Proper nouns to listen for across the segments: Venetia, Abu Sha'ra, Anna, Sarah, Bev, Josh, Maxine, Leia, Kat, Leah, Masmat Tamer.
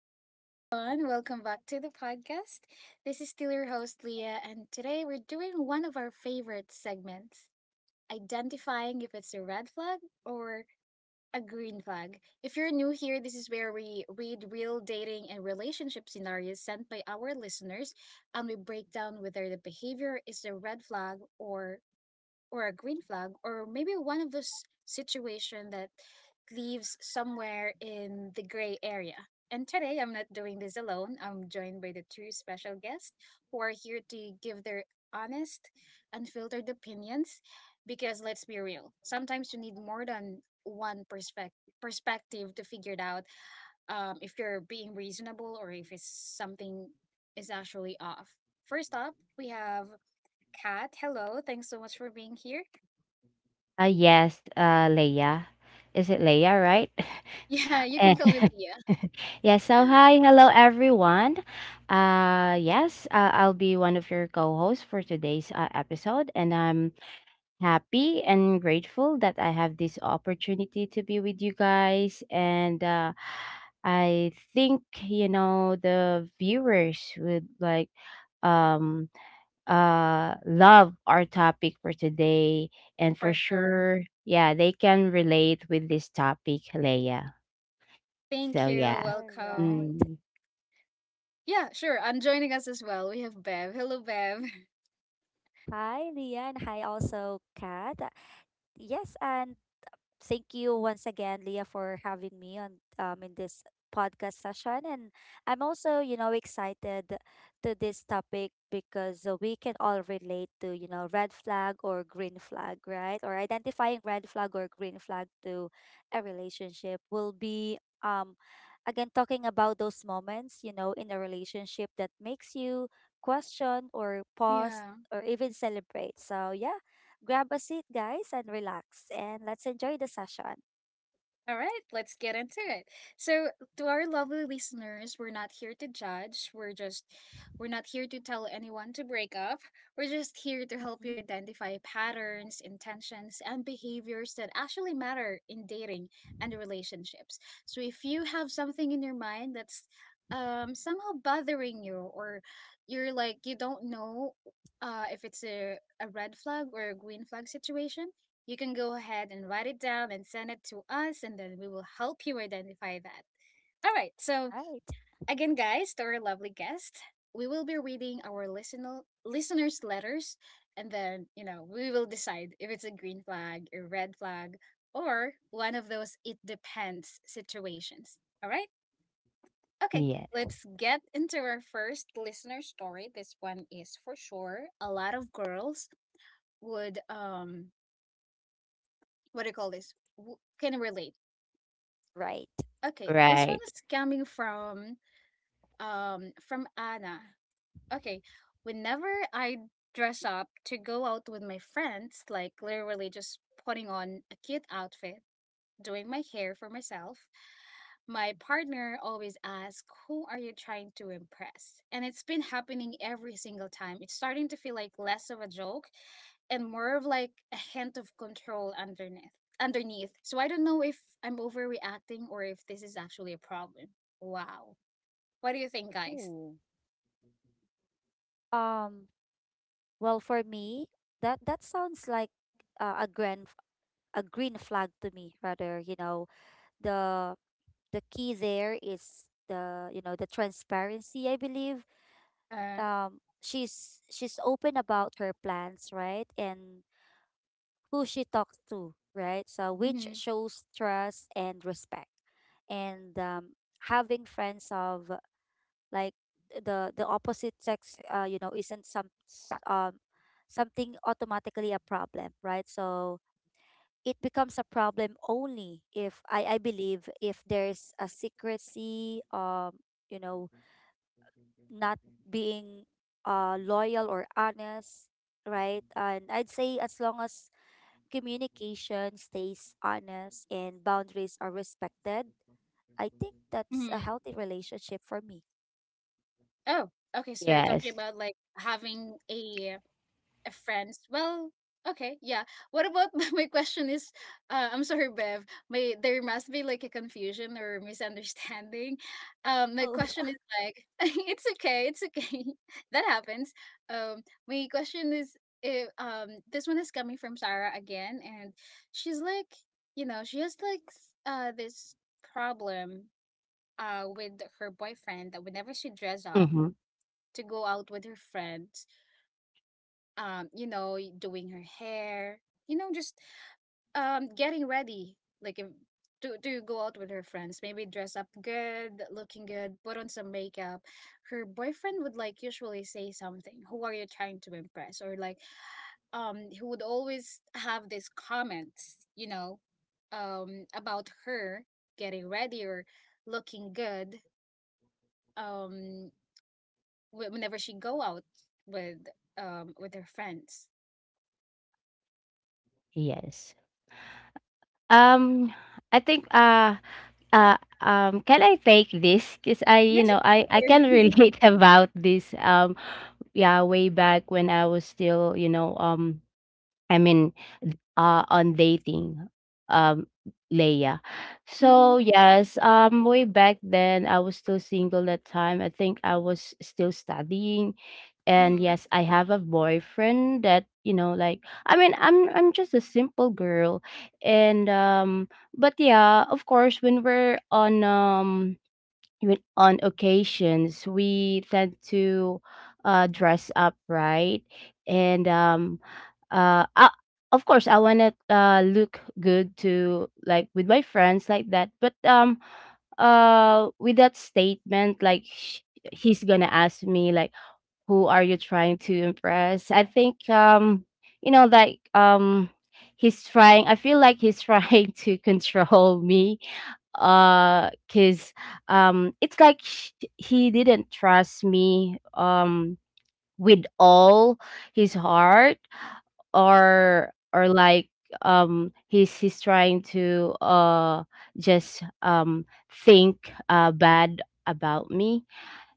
Hello, everyone. Welcome back to the podcast. This is still your host, Leah, and today we're doing one of our favorite segments identifying if it's a red flag or a green flag. If you're new here, this is where we read real dating and relationship scenarios sent by our listeners and we break down whether the behavior is a red flag or a green flag, or maybe one of those situation that leaves somewhere in the gray area. And today I'm not doing this alone. I'm joined by the two special guests who are here to give their honest, unfiltered opinions, because let's be real, sometimes you need more than one perspective to figure it out, if you're being reasonable or if it's something is actually off. First up, we have Kat. Hello, thanks so much for being here. Yes, Leia. Is it Leia, right? Yeah, you can Eh, call me Leah. yeah, so hi, hello everyone. Yes, I'll be one of your co hosts for today's episode, and I'm happy and grateful that I have this opportunity to be with you guys. And I think, the viewers would um, love our topic for today and for For sure. sure, yeah, they can relate with this topic, Leia, Thank so you. yeah. All Welcome. right. mm, Yeah, sure. And joining us as well, we have Bev. Hello, Bev. Hi, Leon. Hi, also, Kat. Yes, and thank you once again, Leah, for having me on in this podcast session. And I'm also, you know, excited to this topic because we can all relate to, you know, red flag or green flag, right? Or identifying red flag or green flag to a relationship will be again talking about those moments, you know, in a relationship that makes you question or pause Yeah. or even celebrate. So yeah, grab a seat, guys, and relax, and let's enjoy the session. All right, let's get into it. So, to our lovely listeners, we're not here to judge. We're not here to tell anyone to break up. We're just here to help Mhm. you identify patterns, intentions, and behaviors that actually matter in dating and relationships. So, if you have something in your mind that's somehow bothering you, or you're like, you don't know if it's a red flag or a green flag situation, you can go ahead and write it down and send it to us, and then we will help you identify that. All right. So, Right. again, guys, to our lovely guest, we will be reading our listeners' letters, and then, you know, we will decide if it's a green flag, a red flag, or one of those it depends situations. All right. Okay. Mm. yeah, Let's get into our first listener story. This one is for sure a lot of girls would, what do you call this? Can relate. Right. Okay, this one right, is coming from Anna. Okay, whenever I dress up to go out with my friends, like literally just putting on a cute outfit, doing my hair for myself, my partner always asks, "Who are you trying to impress?" And it's been happening every single time. It's starting to feel like less of a joke and more of like a hint of control underneath. So I don't know if I'm overreacting or if this is actually a problem. Wow. What do you think, guys? Ooh. Um, well, for me, that sounds like uh, a grand a green flag to me. Rather, you know, the the key there is the you know the transparency. I believe Uh, she's open about her plans, right? And who she talks to, right? So, which mm-hmm, shows trust and respect. And having friends of like the opposite sex, you know, isn't something automatically a problem, right? So it becomes a problem only if I believe if there's a secrecy, you know, not being loyal or honest, right? And I'd say as long as communication stays honest and boundaries are respected, I think that's a mm-hmm. healthy relationship for me. Oh, okay, so you're talking yes, about like having a friends. Well, okay, yeah. What about, my question is, I'm sorry, Bev. My there must be like a confusion or misunderstanding. My Oh, question is like, it's okay, that happens. My question is, if, this one is coming from Sarah again, and she's like, you know, she has like this problem with her boyfriend, that whenever she dress up mm-hmm. to go out with her friends, you know, doing her hair, you know, just getting ready, like if, to go out with her friends. Maybe dress up good, looking good, put on some makeup. Her boyfriend would like usually say something. "Who are you trying to impress?" Or like, he would always have these comments, you know, about her getting ready or looking good. Um, whenever she go out with with her friends. yes. um I think Can I take this? Because I you Yes, know I can sure. relate about this. Yeah, way back when I was still i mean on dating, um, Leia. Mm-hmm. So yes, way back then I was still single that time. I think I was still studying, and Mm-hmm. yes, I have a boyfriend that. I mean, I'm just a simple girl, and but yeah, of course, when we're on, even on occasions, we tend to dress up, right? and um uh I, of course, I want to look good to like with my friends like that. But with that statement, he's gonna ask me like, who are you trying to impress? I think, you know, like um he's trying, I feel like he's trying to control me, because it's like, he didn't trust me with all his heart, or like, he's trying to just think bad about me,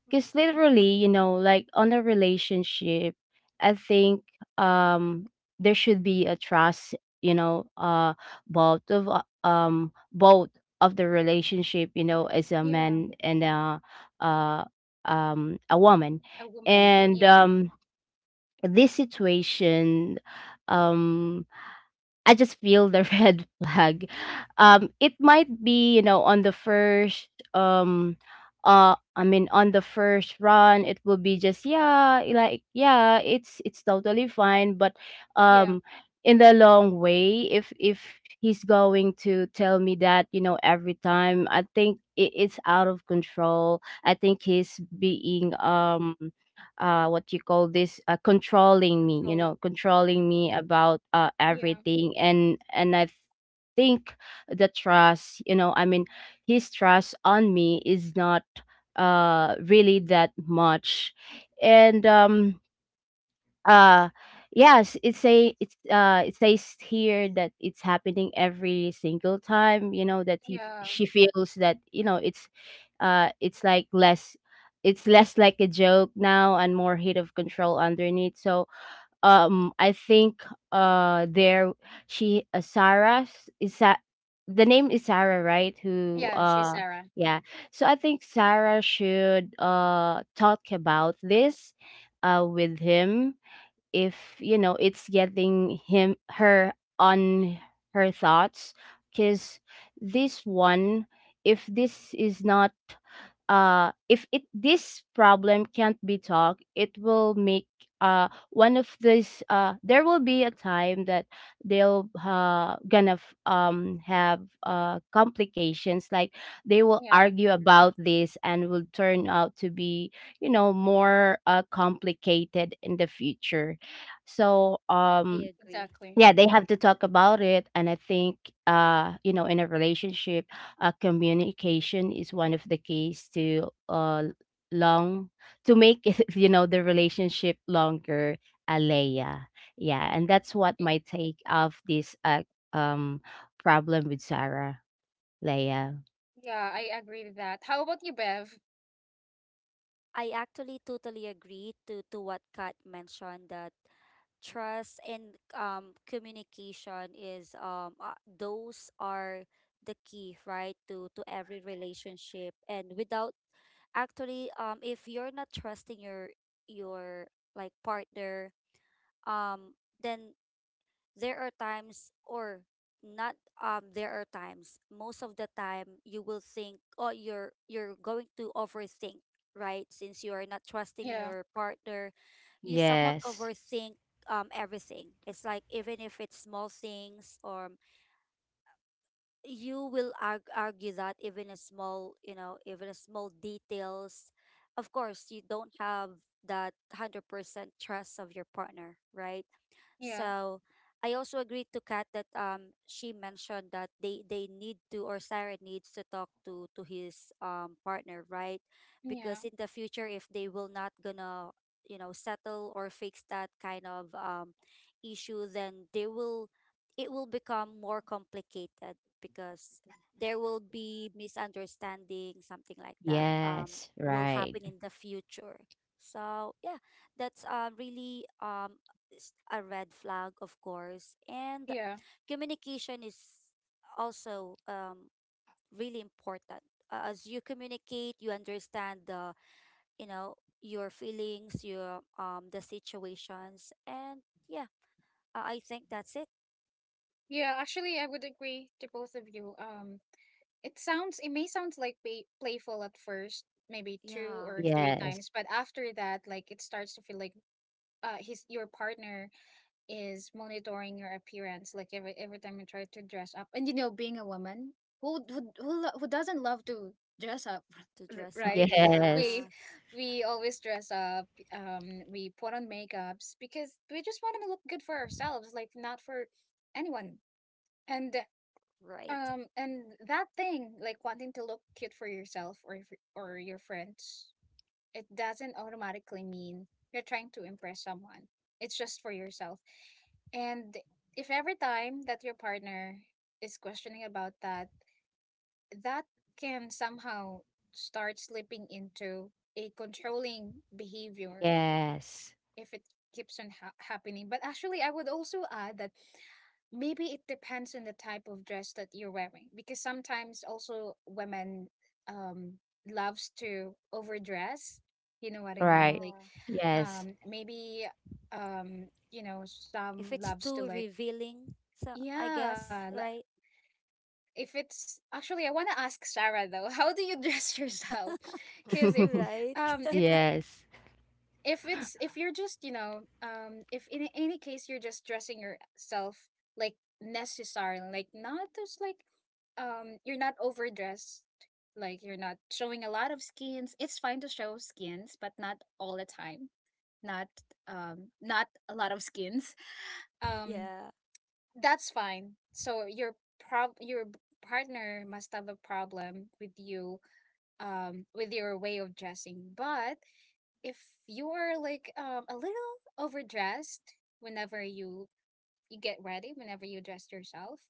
because literally, on a relationship, I think, um there should be a trust, you know uh both of the relationship, you know, as a Yeah, man and uh a woman. a woman. Yeah. And this situation um I just feel the red flag. It might be, you know, on the first, I mean, on the first run, it will be just, yeah, like, yeah, it's totally fine. But, yeah, um, in the long way, if he's going to tell me that, you know, every time, I think it, it's out of control. I think he's being what you call this, controlling me you control. know Yeah, controlling me about yeah, everything. And I think the trust, you know, I mean, his trust on me is not really that much. And uh yes, it say, it's it says here that it's happening every single time, you know, that he yeah, she feels that, you know, it's like less, it's less like a joke now, and more hit of control underneath. So I think, there she, Sarah is that, the name is Sarah, right? Who yeah. She's uh Sarah. yeah. So I think Sarah should talk about this with him, if you know, it's getting him her on her thoughts, because this one, if this is not, if it, this problem can't be talked, it will make, one of these, there will be a time that they'll have complications, like they will Yeah, argue about this and will turn out to be, you know, more complicated in the future. So I agree. exactly. yeah, they have to talk about it. And I think, you know, in a relationship, communication is one of the keys to long, make it, you know, the relationship longer, Alea. Yeah. And that's what Y- my take of this um, problem with Sarah, Leia. Yeah, I agree with that. How about you, Bev? I actually totally agree to what Kat mentioned that trust and communication is those are the key right to every relationship, and without actually if you're not trusting your like partner, then there are times or not there are times, most of the time you will think, oh, you're going to overthink, right? Since you are not trusting Yeah, your partner, you somewhat Yes. overthink everything. It's like even if it's small things, or you will argue that even a small, you know, even a small details, of course you don't have that 100% trust of your partner, right? yeah, So I also agreed to Kat that she mentioned that they need to, or Sarah needs to talk to his partner, right? yeah, Because in the future, if they will not gonna, you know, settle or fix that kind of issue, then they will, it will become more complicated because there will be misunderstanding, something like that, Yes. will Right. happen in the future. So yeah, that's really a red flag, of course. And yeah, communication is also really important. As you communicate, you understand the, you know, your feelings, your the situations, and yeah, I think that's it. yeah. Actually, I would agree to both of you. It sounds, it may sound like playful at first, maybe two Yeah, or three Yes. times, but after that, like it starts to feel like his your partner is monitoring your appearance like every time you try to dress up. And you know, being a woman who, who doesn't love to dress up? to dress up. Right, we Yes. Yes, we always dress up, um, we put on makeups because we just want to look good for ourselves, like not for anyone. And right. um, and that thing like wanting to look cute for yourself or for, or your friends, it doesn't automatically mean you're trying to impress someone. It's just for yourself. And if every time that your partner is questioning about that, that can somehow start slipping into a controlling behavior Yes. if it keeps on happening. But actually, I would also add that maybe it depends on the type of dress that you're wearing, because sometimes also women um loves to overdress. You know what I mean? Right. Like Yeah, Yes. Maybe um, you know, if some it's loves too to like revealing, so I guess yeah. Right, If it's actually, I want to ask Sarah though, how do you dress yourself? Because if right. It, Yes. if it's, if you're just, you know, if in any case you're just dressing yourself like necessary, like not just like um, you're not overdressed, like you're not showing a lot of skins. It's fine to show skins, but not all the time. Not um, not a lot of skins. Um yeah. that's fine. So your prob your partner must have a problem with you, um, with your way of dressing. But if you are like a little overdressed whenever you get ready, whenever you dress yourself,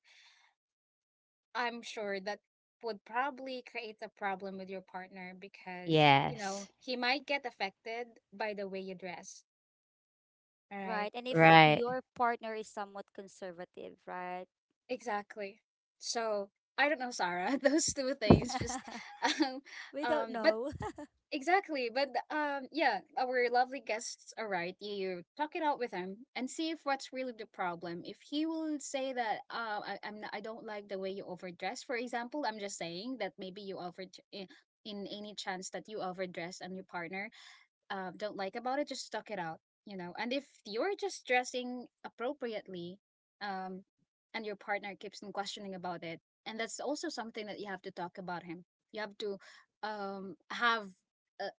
I'm sure that would probably create a problem with your partner because, you know, Yes. he might get affected by the way you dress. All right. Right. And if Right. your partner is somewhat conservative, right? Exactly. So I don't know, Sarah. Those two things just, um, We don't but know. exactly, but yeah, our lovely guests are right. You talk it out with him and see if what's really the problem. If he will say that, I'm not, I don't like the way you overdress. For example, I'm just saying that maybe you over in, in any chance that you overdress on your partner don't like about it, just stuck it out, you know. And if you're just dressing appropriately, um, and your partner keeps on questioning about it, and that's also something that you have to talk about him. You have to have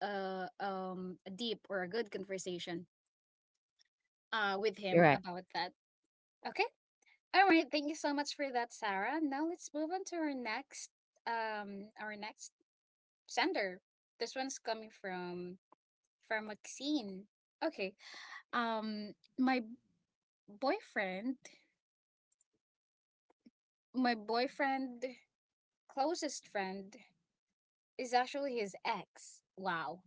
a deep or a good conversation with You're him right. about that. Okay. All right. Thank you so much for that, Sarah. Now let's move on to our next sender. This one's coming from Maxine. Okay. Um, boyfriend my boyfriend closest friend is actually his ex. Wow.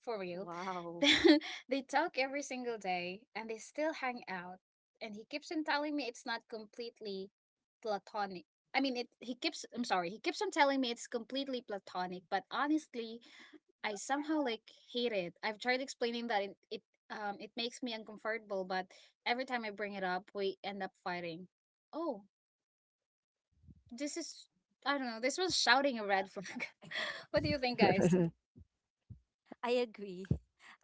For real. Wow. They talk every single day and they still hang out. And he keeps on telling me it's not completely platonic. I mean, it. He keeps. I'm sorry. He keeps on telling me it's completely platonic, but honestly, I somehow like hate it. I've tried explaining that it it makes me uncomfortable, but every time I bring it up, we end up fighting. Oh, this is, I don't know. This was shouting a red flag. What do you think, guys? I agree.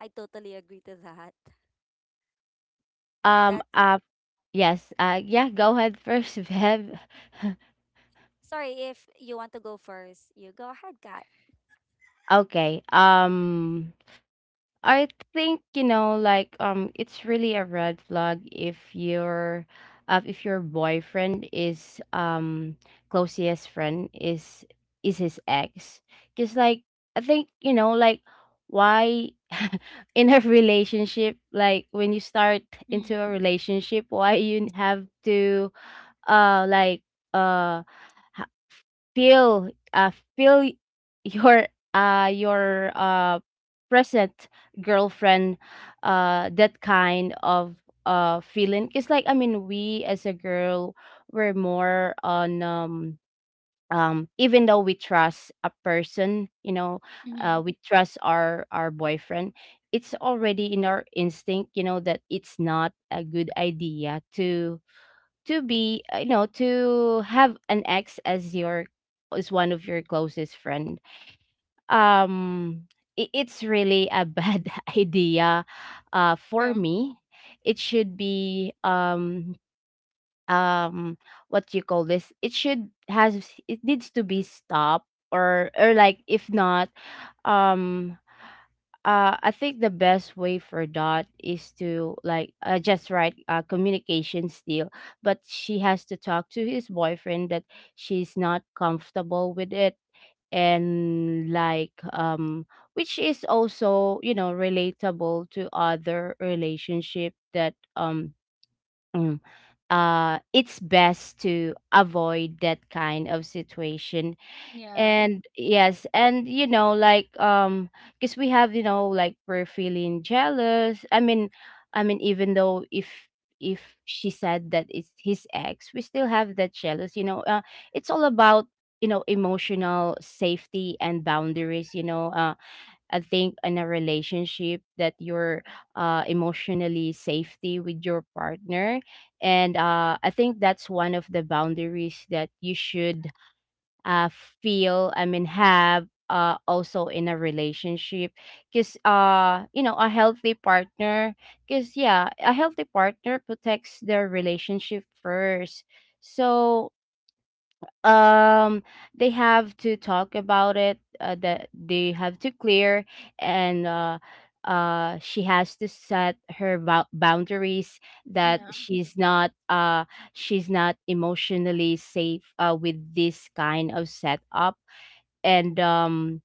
I totally agree to that. Um, That's uh, yes. Yeah, go ahead first, Bev. sorry, if you want to go first, you go ahead, Kat. Okay. I think, you know, it's really a red flag if your boyfriend is closest friend is his ex, because like, I think, you know, like, why, in a relationship, like when you start into a relationship, why you have to uh like uh ha- feel your uh your uh present girlfriend that kind of feeling. It's like, I mean, we as a girl, we're more on even though we trust a person, you know, Mm-hmm. We trust our boyfriend, it's already in our instinct, you know, that it's not a good idea to be you know, to have an ex as your, as one of your closest friend. um it's really a bad idea Yeah, for me. It should be um what you call this, it should has, it needs to be stopped, or like if not, um I think the best way for that is to, like, just right, communication still, but she has to talk to his boyfriend that she's not comfortable with it. And which is also, you know, relatable to other relationship, that mm, it's best to avoid that kind of situation. yeah, And Right. yes, and you know, because we have, you know, like we're feeling jealous. I mean, I mean, even though, if she said that it's his ex, we still have that jealous, you know, it's all about, you know, emotional safety and boundaries, you know, I think in a relationship that you're emotionally safety with your partner. And I think that's one of the boundaries that you should uh, feel, I mean, have, also in a relationship, because you know, a healthy partner, because yeah, a healthy partner protects their relationship first. So um they have to talk about it, that they have to clear. And she has to set her boundaries, that yeah. she's not, she's not emotionally safe with this kind of setup. And um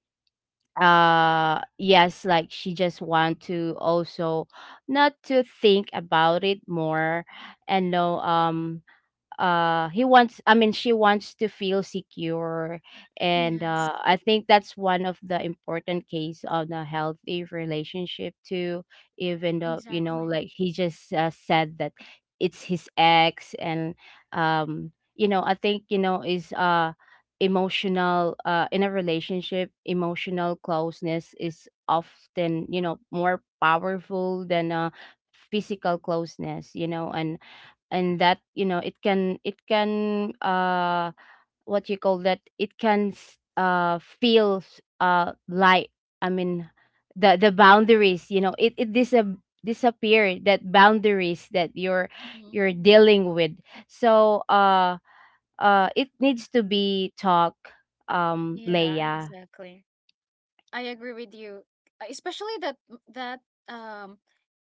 uh yes, like, she just want to also not to think about it more. And no um uh he wants, I mean, she wants to feel secure. And Yes. I think that's one of the important case of a healthy relationship too, even though, you know, Exactly. like he just said that it's his ex. And you know, I think, you know, is emotional, in a relationship, emotional closeness is often, you know, more powerful than physical closeness, you know, and that, you know, it can, what you call that, it can feel light. I mean, the boundaries, you know, it disappear, that boundaries that Mhm. you're dealing with. So it needs to be talk, Yeah, Leia. exactly. I agree with you. Especially that that um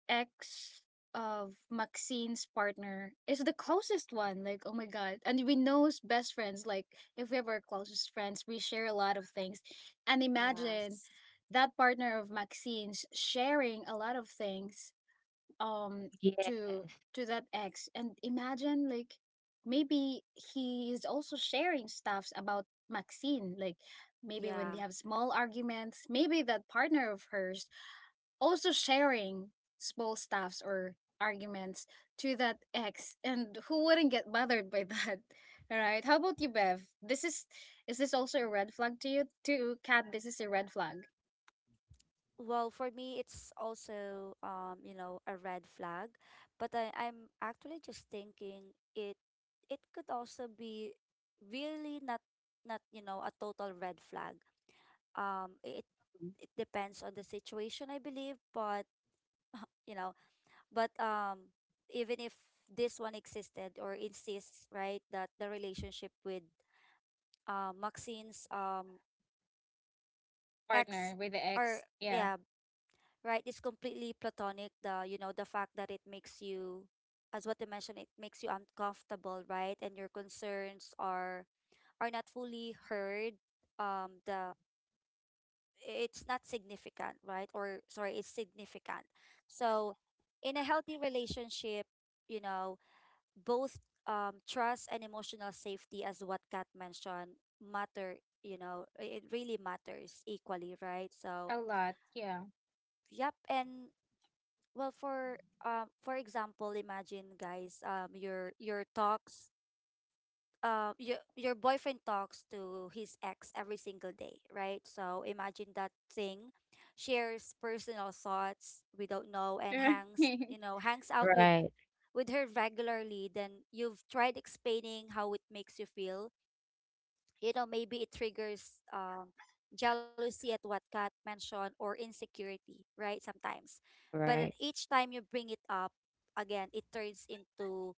ex of Maxine's partner is the closest one. Like, oh my God. And we know as best friends, like if we were closest friends, we share a lot of things. And imagine Yes. that partner of Maxine's sharing a lot of things um Yes. to to that ex, and imagine like maybe he is also sharing stuffs about Maxine, like maybe when Yeah. they have small arguments, maybe that partner of hers also sharing small stuffs or arguments to that ex. And who wouldn't get bothered by that? All right, how about you, Bev? This is this also a red flag to you? To Kat, this is a red flag. Well, for me, it's also you know, a red flag, but I'm actually just thinking it it could also be really not not, you know, a total red flag. Um, i- it depends on the situation, I believe. But you know, but even if this one existed or insists, right, that the relationship with Maxine's ex Partner with the or ex, yeah. yeah, right, is completely platonic. The you know the fact that it makes you, as what you mentioned, it makes you uncomfortable, right, and your concerns are not fully heard. The it's not significant, right? Or sorry, it's significant. So in a healthy relationship, you know, both trust and emotional safety, as what Kat mentioned, matter, you know, it really matters equally, right? So, A lot, yeah. yep. And well, for example, imagine guys, your talks your boyfriend talks to his ex every single day, right? So imagine that thing, shares personal thoughts we don't know, and Right. hangs you know hangs out Right. with her regularly. Then you've tried explaining how it makes you feel. You know, maybe it triggers jealousy at what Kat mentioned, or insecurity, right? Sometimes, but Right. each time you bring it up again, it turns into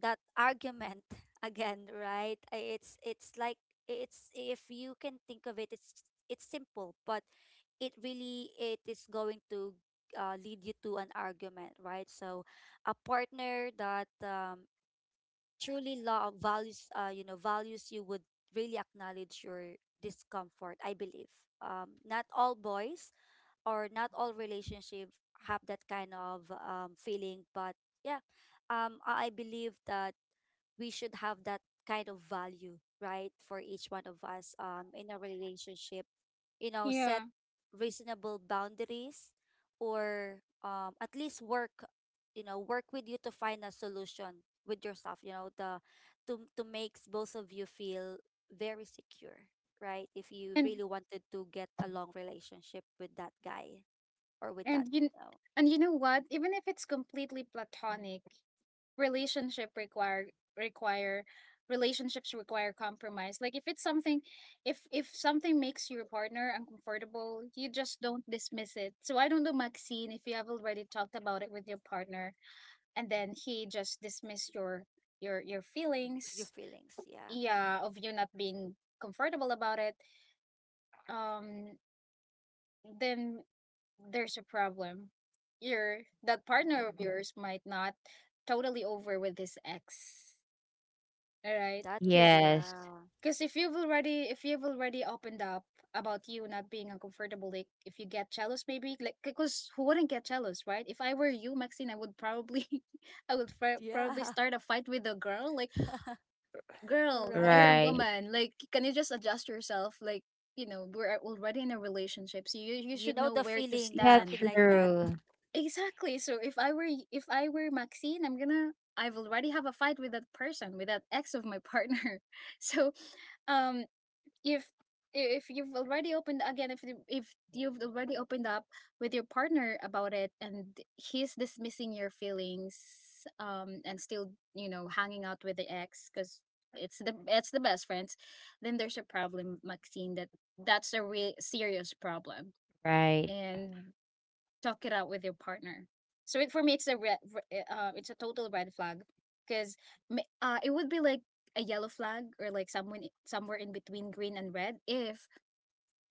that argument again, right? It's like it's, if you can think of it, it's simple, but it really it is going to lead you to an argument, right? So, a partner that truly love values, you know, values you would really acknowledge your discomfort. I believe not all boys or not all relationships have that kind of feeling, but yeah, I believe that we should have that kind of value, right? For each one of us in a relationship, you know, set Yeah. reasonable boundaries or at least work, you know, work with you to find a solution with yourself, you know, the to makes both of you feel very secure, right? If you And really wanted to get a long relationship with that guy or with that and you uh, and you know what? Even if it's completely platonic, relationship require require relationships require compromise. Like if it's something, if something makes your partner uncomfortable, you just don't dismiss it. So I don't know, Maxine, if you have already talked about it with your partner and then he just dismissed your your with your feelings, feelings, yeah. yeah, of you not being comfortable about it. Um, then there's a problem. Your that partner of yours might not totally over with his ex. All right? That Cuz Yes. yeah. cuz if you've already, if you've already opened up about you not being uncomfortable, like if you get jealous, maybe, like cuz who wouldn't get jealous, right? If I were you, Maxine, I would probably I would probably Yeah, start a fight with a girl like, "Girl, you're a right. Right. woman. Like, can you just adjust yourself? Like, you know, we're already in a relationship. So you You should know know the where to feeling, Yeah, something stand." like that. true. Exactly. So if I were y- if I were Maxine, I've already have a fight with that person, with that ex of my partner. So, um, if if you've already opened again, if you've already opened up with your partner about it, and he's dismissing your feelings, and still you know hanging out with the ex because it's the best friends, then there's a problem, Maxine. That's a real serious problem, Right. and talk it out with your partner. So it, for me, it's a it's a total red flag because it would be like a yellow flag or like someone somewhere in between green and red if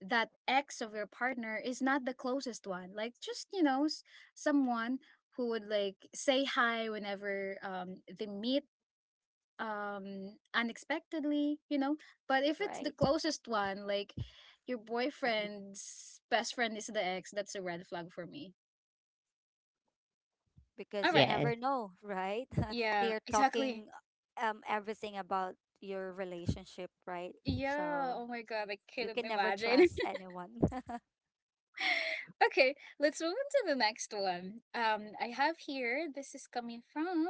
that ex of your partner is not the closest one like just you know someone who would like say hi whenever they meet unexpectedly, you know. But if it's the Right, closest one, like your boyfriend's best friend is the ex, that's a red flag for me, because all you right. never yes know, right? They Yeah, are exactly. talking everything about your relationship, right? Yeah, So oh my God, I you couldn't can never imagine. trust anyone. Okay, let's move on to the next one. I have here, this is coming from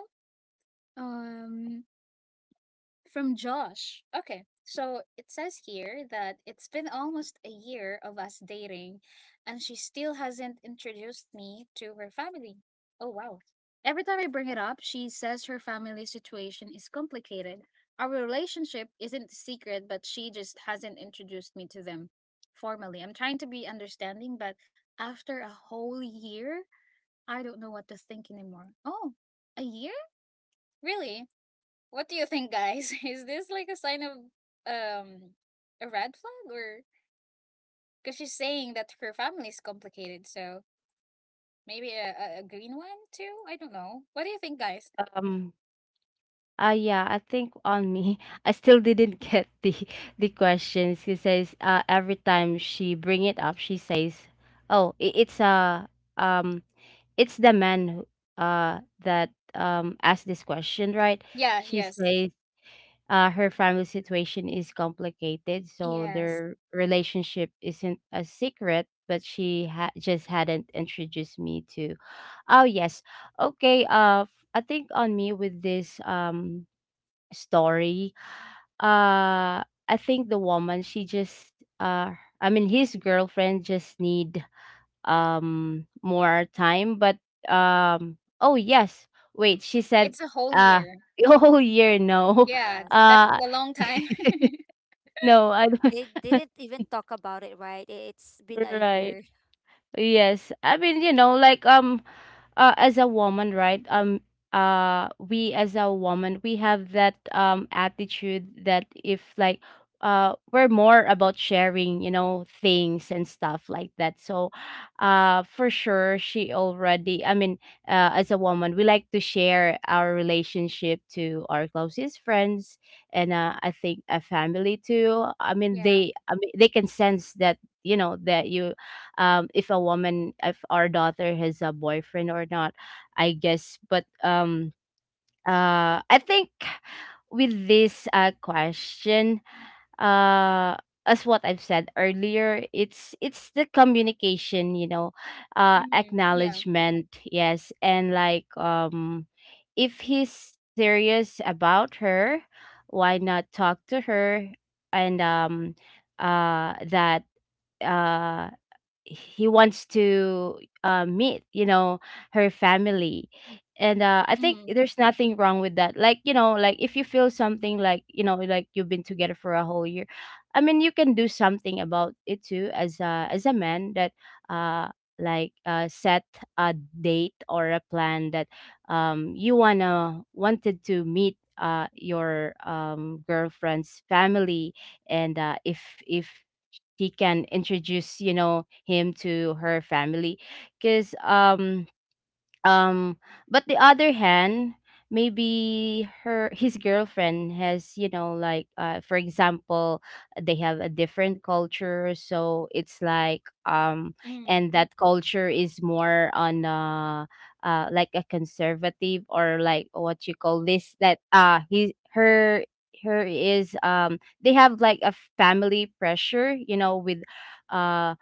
um from Josh. Okay. So it says here that it's been almost a year of us dating, and she still hasn't introduced me to her family. Oh, wow. Every time I bring it up, she says her family situation is complicated. Our relationship isn't a secret, but she just hasn't introduced me to them formally. I'm trying to be understanding, but after a whole year, I don't know what to think anymore. Oh, a year? Really? What do you think, guys? Is this like a sign of um a red flag, or because she's saying that her family is complicated, so maybe a green one too? I don't know. What do you think, guys? um yeah, I think on me, I still didn't get the questions. She says, every time she bring it up, she says, "Oh, um it's the man who, that asked this question, right?" Yeah, She yes. says her family situation is complicated, so Yes. their relationship isn't a secret, but she just hadn't introduced me to. Oh yes, okay. I think on me with this story, uh, I think the woman, she just, uh, I mean, his girlfriend just need more time. But oh yes, wait, she said It's a whole uh year. oh year, no, Yeah, Yes, that's uh a long time. no I don't they didn't even talk about it, right? I- it's been a right. year. Yes, I mean, you know, as a woman, right? We as a woman, we have that attitude that if, like, we're more about sharing, you know, things and stuff like that. So, for sure, she already. I mean, as a woman, we like to share our relationship to our closest friends. And I think a family too. Yeah. I mean, they can sense that, you know, that you if a woman, if our daughter has a boyfriend or not, I guess. But I think with this question, uh as what I've said earlier, it's the communication, you know, Mm-hmm. Yeah. acknowledgement, yes, and like, if he's serious about her, why not talk to her? And that uh he wants to meet, you know, her family. And I think Mm-hmm. there's nothing wrong with that, like, you know, like if you feel something like, you know, like you've been together for a whole year. I mean, you can do something about it too, as a, as a man, that uh set a date or a plan that you wanna wanted to meet your girlfriend's family. And if she can introduce, you know, him to her family, because um but the other hand, maybe her, his girlfriend has, you know, for example, they have a different culture, so it's like, Mm-hmm. and that culture is more on like a conservative, or like, what you call this, that he, her, her is they have like a family pressure, you know, with uh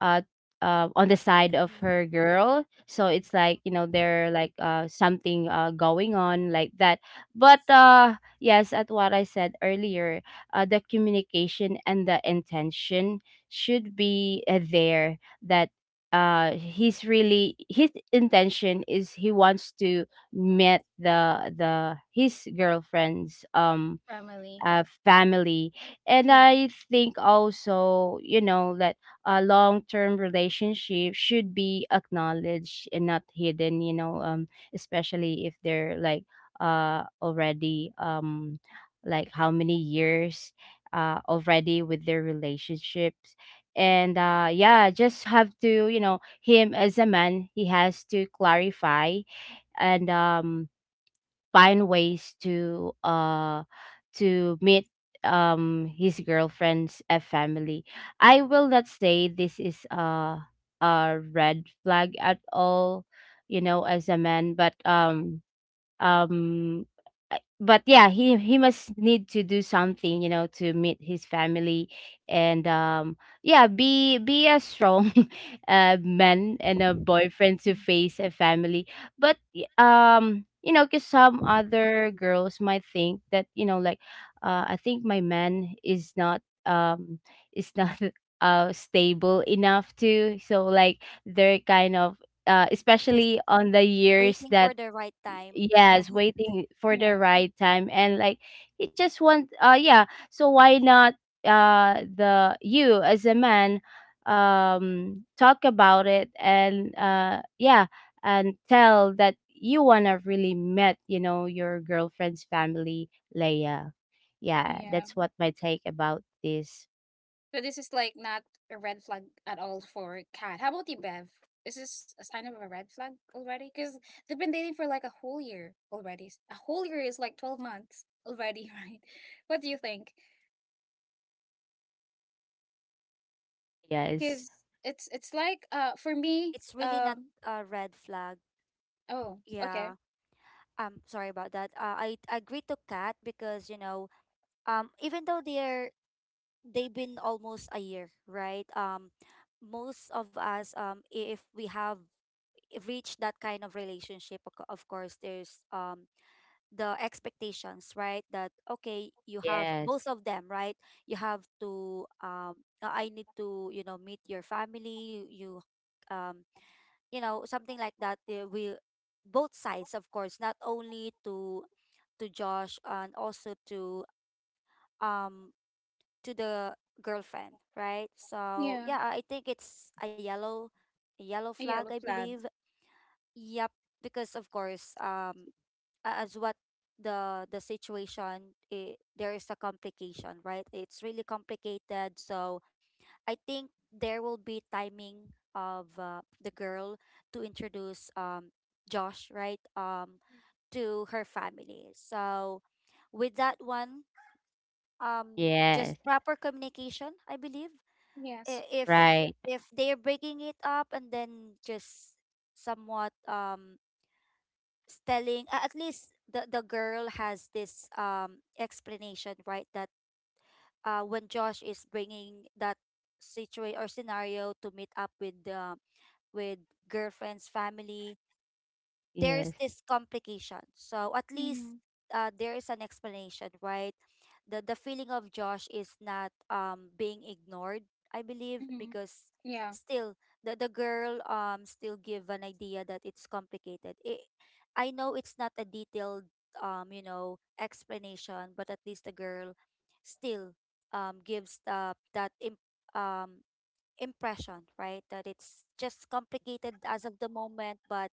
uh, on the side of Getting her girl, so it's like, you know, they're like something going on like that. But yes, at what I said earlier, the communication and the intention should be there, that he's really, his intention is he wants to meet the his girlfriend's Family. Family. And Yeah. I think also, you know, that a long term relationship should be acknowledged and not hidden, you know, especially if they're like already like, how many years already with their relationships. And yeah, just have to, you know, him as a man, he has to clarify. And find ways to meet his girlfriend's family. I will not say this is a red flag at all, you know, as a man. But um I but yeah, he must need to do something, you know, to meet his family. And yeah, be a strong man and a boyfriend to face a family. But you know, because some other girls might think that, you know, like, I think my man um is not stable enough to, so like they're kind of just especially on the years waiting that, for the right time. yes, Right, waiting for the Yeah. right time. And like, you just want, yeah, so why not, the, you as a man, talk about it. And yeah, and tell that you wanna really met, you know, your girlfriend's family, Leia. Yeah, Yeah. that's what my take about this. So this is like not a red flag at all for Kat. How about you, Bev? Is this a sign of a red flag already? Because they've been dating for like a whole year already. A whole year is like 12 months already, right? What do you think? Yes. Because it's like for me, it's really not um, a red flag. oh, Yeah, okay, sorry about that. I agree to Kat because, you know, even though they're they've been almost a year, right? Most of us, if we have reached that kind of relationship, of co- of course there's the expectations, right? That okay, you have Yes. both of them, right? You have to I need to, you know, meet your family, you, um you know, something like that. We, both sides, of course, not only to Josh, and also um to the girlfriend, right? So yeah, yeah, I think it's a yellow a flag, I yellow flag. believe. Yep, because of course, as what the situation I there is a complication, right? It's really complicated. So I think there will be timing of the girl to introduce Josh, right? To her family. So with that one, just Yes. proper communication, I believe Yes. i- if Right. if they're breaking it up and then just somewhat telling, at least the girl has this explanation, right? That when Josh is bringing that situation or scenario to meet up with the with girlfriend's family, there's Yes. this complication, so at Mm-hmm, least there is an explanation, right? The feeling of Josh is not being ignored, I believe, mm-hmm. because Yeah. still the girl still give an idea that it's complicated. It, I know it's not a detailed you know explanation, but at least the girl still gives the that um impression, right? That it's just complicated as of the moment, but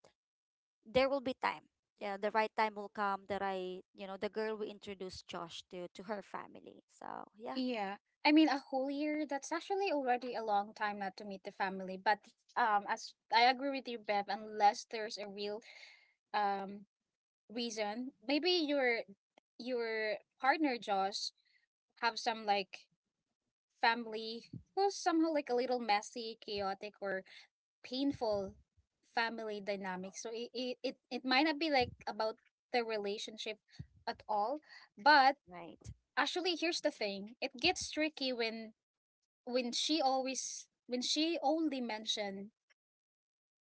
there will be time. Yeah, the right time will come that I, you know, the girl will introduce Josh to her family. So yeah, Yeah. I mean, a whole year, that's actually already a long time not to meet the family. But as I agree with you, Bev, unless there's a real um reason, maybe your partner Josh have some like family who's somehow like a little messy, chaotic, or painful family dynamic. So it might not be like about the relationship at all, but right. actually here's the thing, it gets tricky when she always when she only mentioned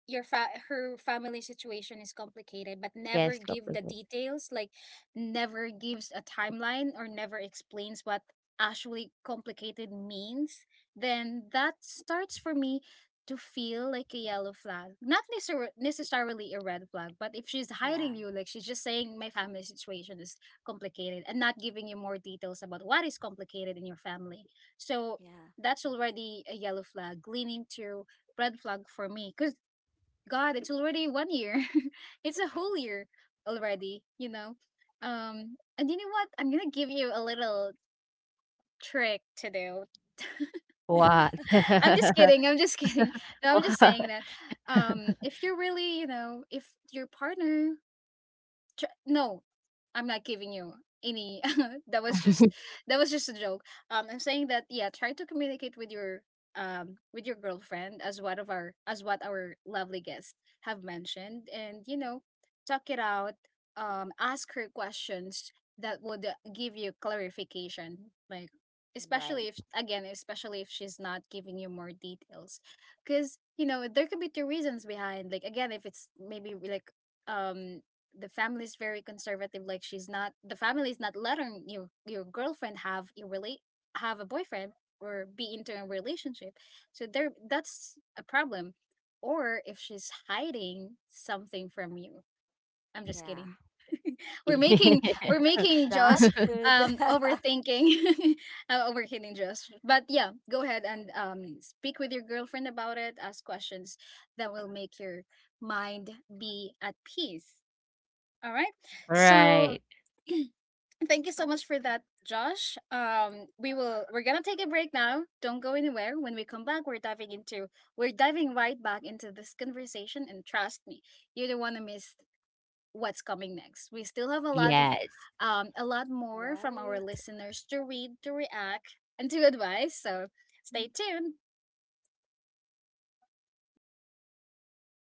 her family situation is complicated but never Yes. give Couple. the details, like never gives a timeline or never explains what actually complicated means. Then that starts for me to feel like a yellow flag, not necessarily a red flag. But if she's Yeah, hiding you, like she's just saying my family situation is complicated and not giving you more details about what is complicated in your family, so yeah, that's already a yellow flag leaning to red flag for me because, God, it's already one year. It's a whole year already, you know. And you know what? I'm gonna give you a little trick to do. What? I'm just kidding. I'm just kidding. No, I'm just saying What? that. If you're really, you know, if your partner no, I'm not giving you any, that was just, that was just a joke. Um, I'm saying that, yeah, try to communicate with your girlfriend, as what of our as what our lovely guests have mentioned, and you know, talk it out. Um, ask her questions that would give you clarification, like, especially right. if, again, especially if she's not giving you more details, because you know there could be two reasons behind, like, again, if it's maybe like, um, the family is very conservative, like she's not the family is not letting your girlfriend have you relate have a boyfriend or be into a relationship. So there, that's a problem. Or if she's hiding something from you. I'm just Yeah. kidding. we're making we're making That Josh, good, um, overthinking, overthinking Josh. But yeah, go ahead and speak with your girlfriend about it. Ask questions that will make your mind be at peace, all right. So Right. thank you so much for that, Josh. We're gonna take a break now. Don't go anywhere. When we come back, we're diving right back into this conversation, and trust me, you don't wanna miss what's coming next. We still have a lot of Yes. A lot more from our right? listeners to read, to react, and to advise. So stay tuned.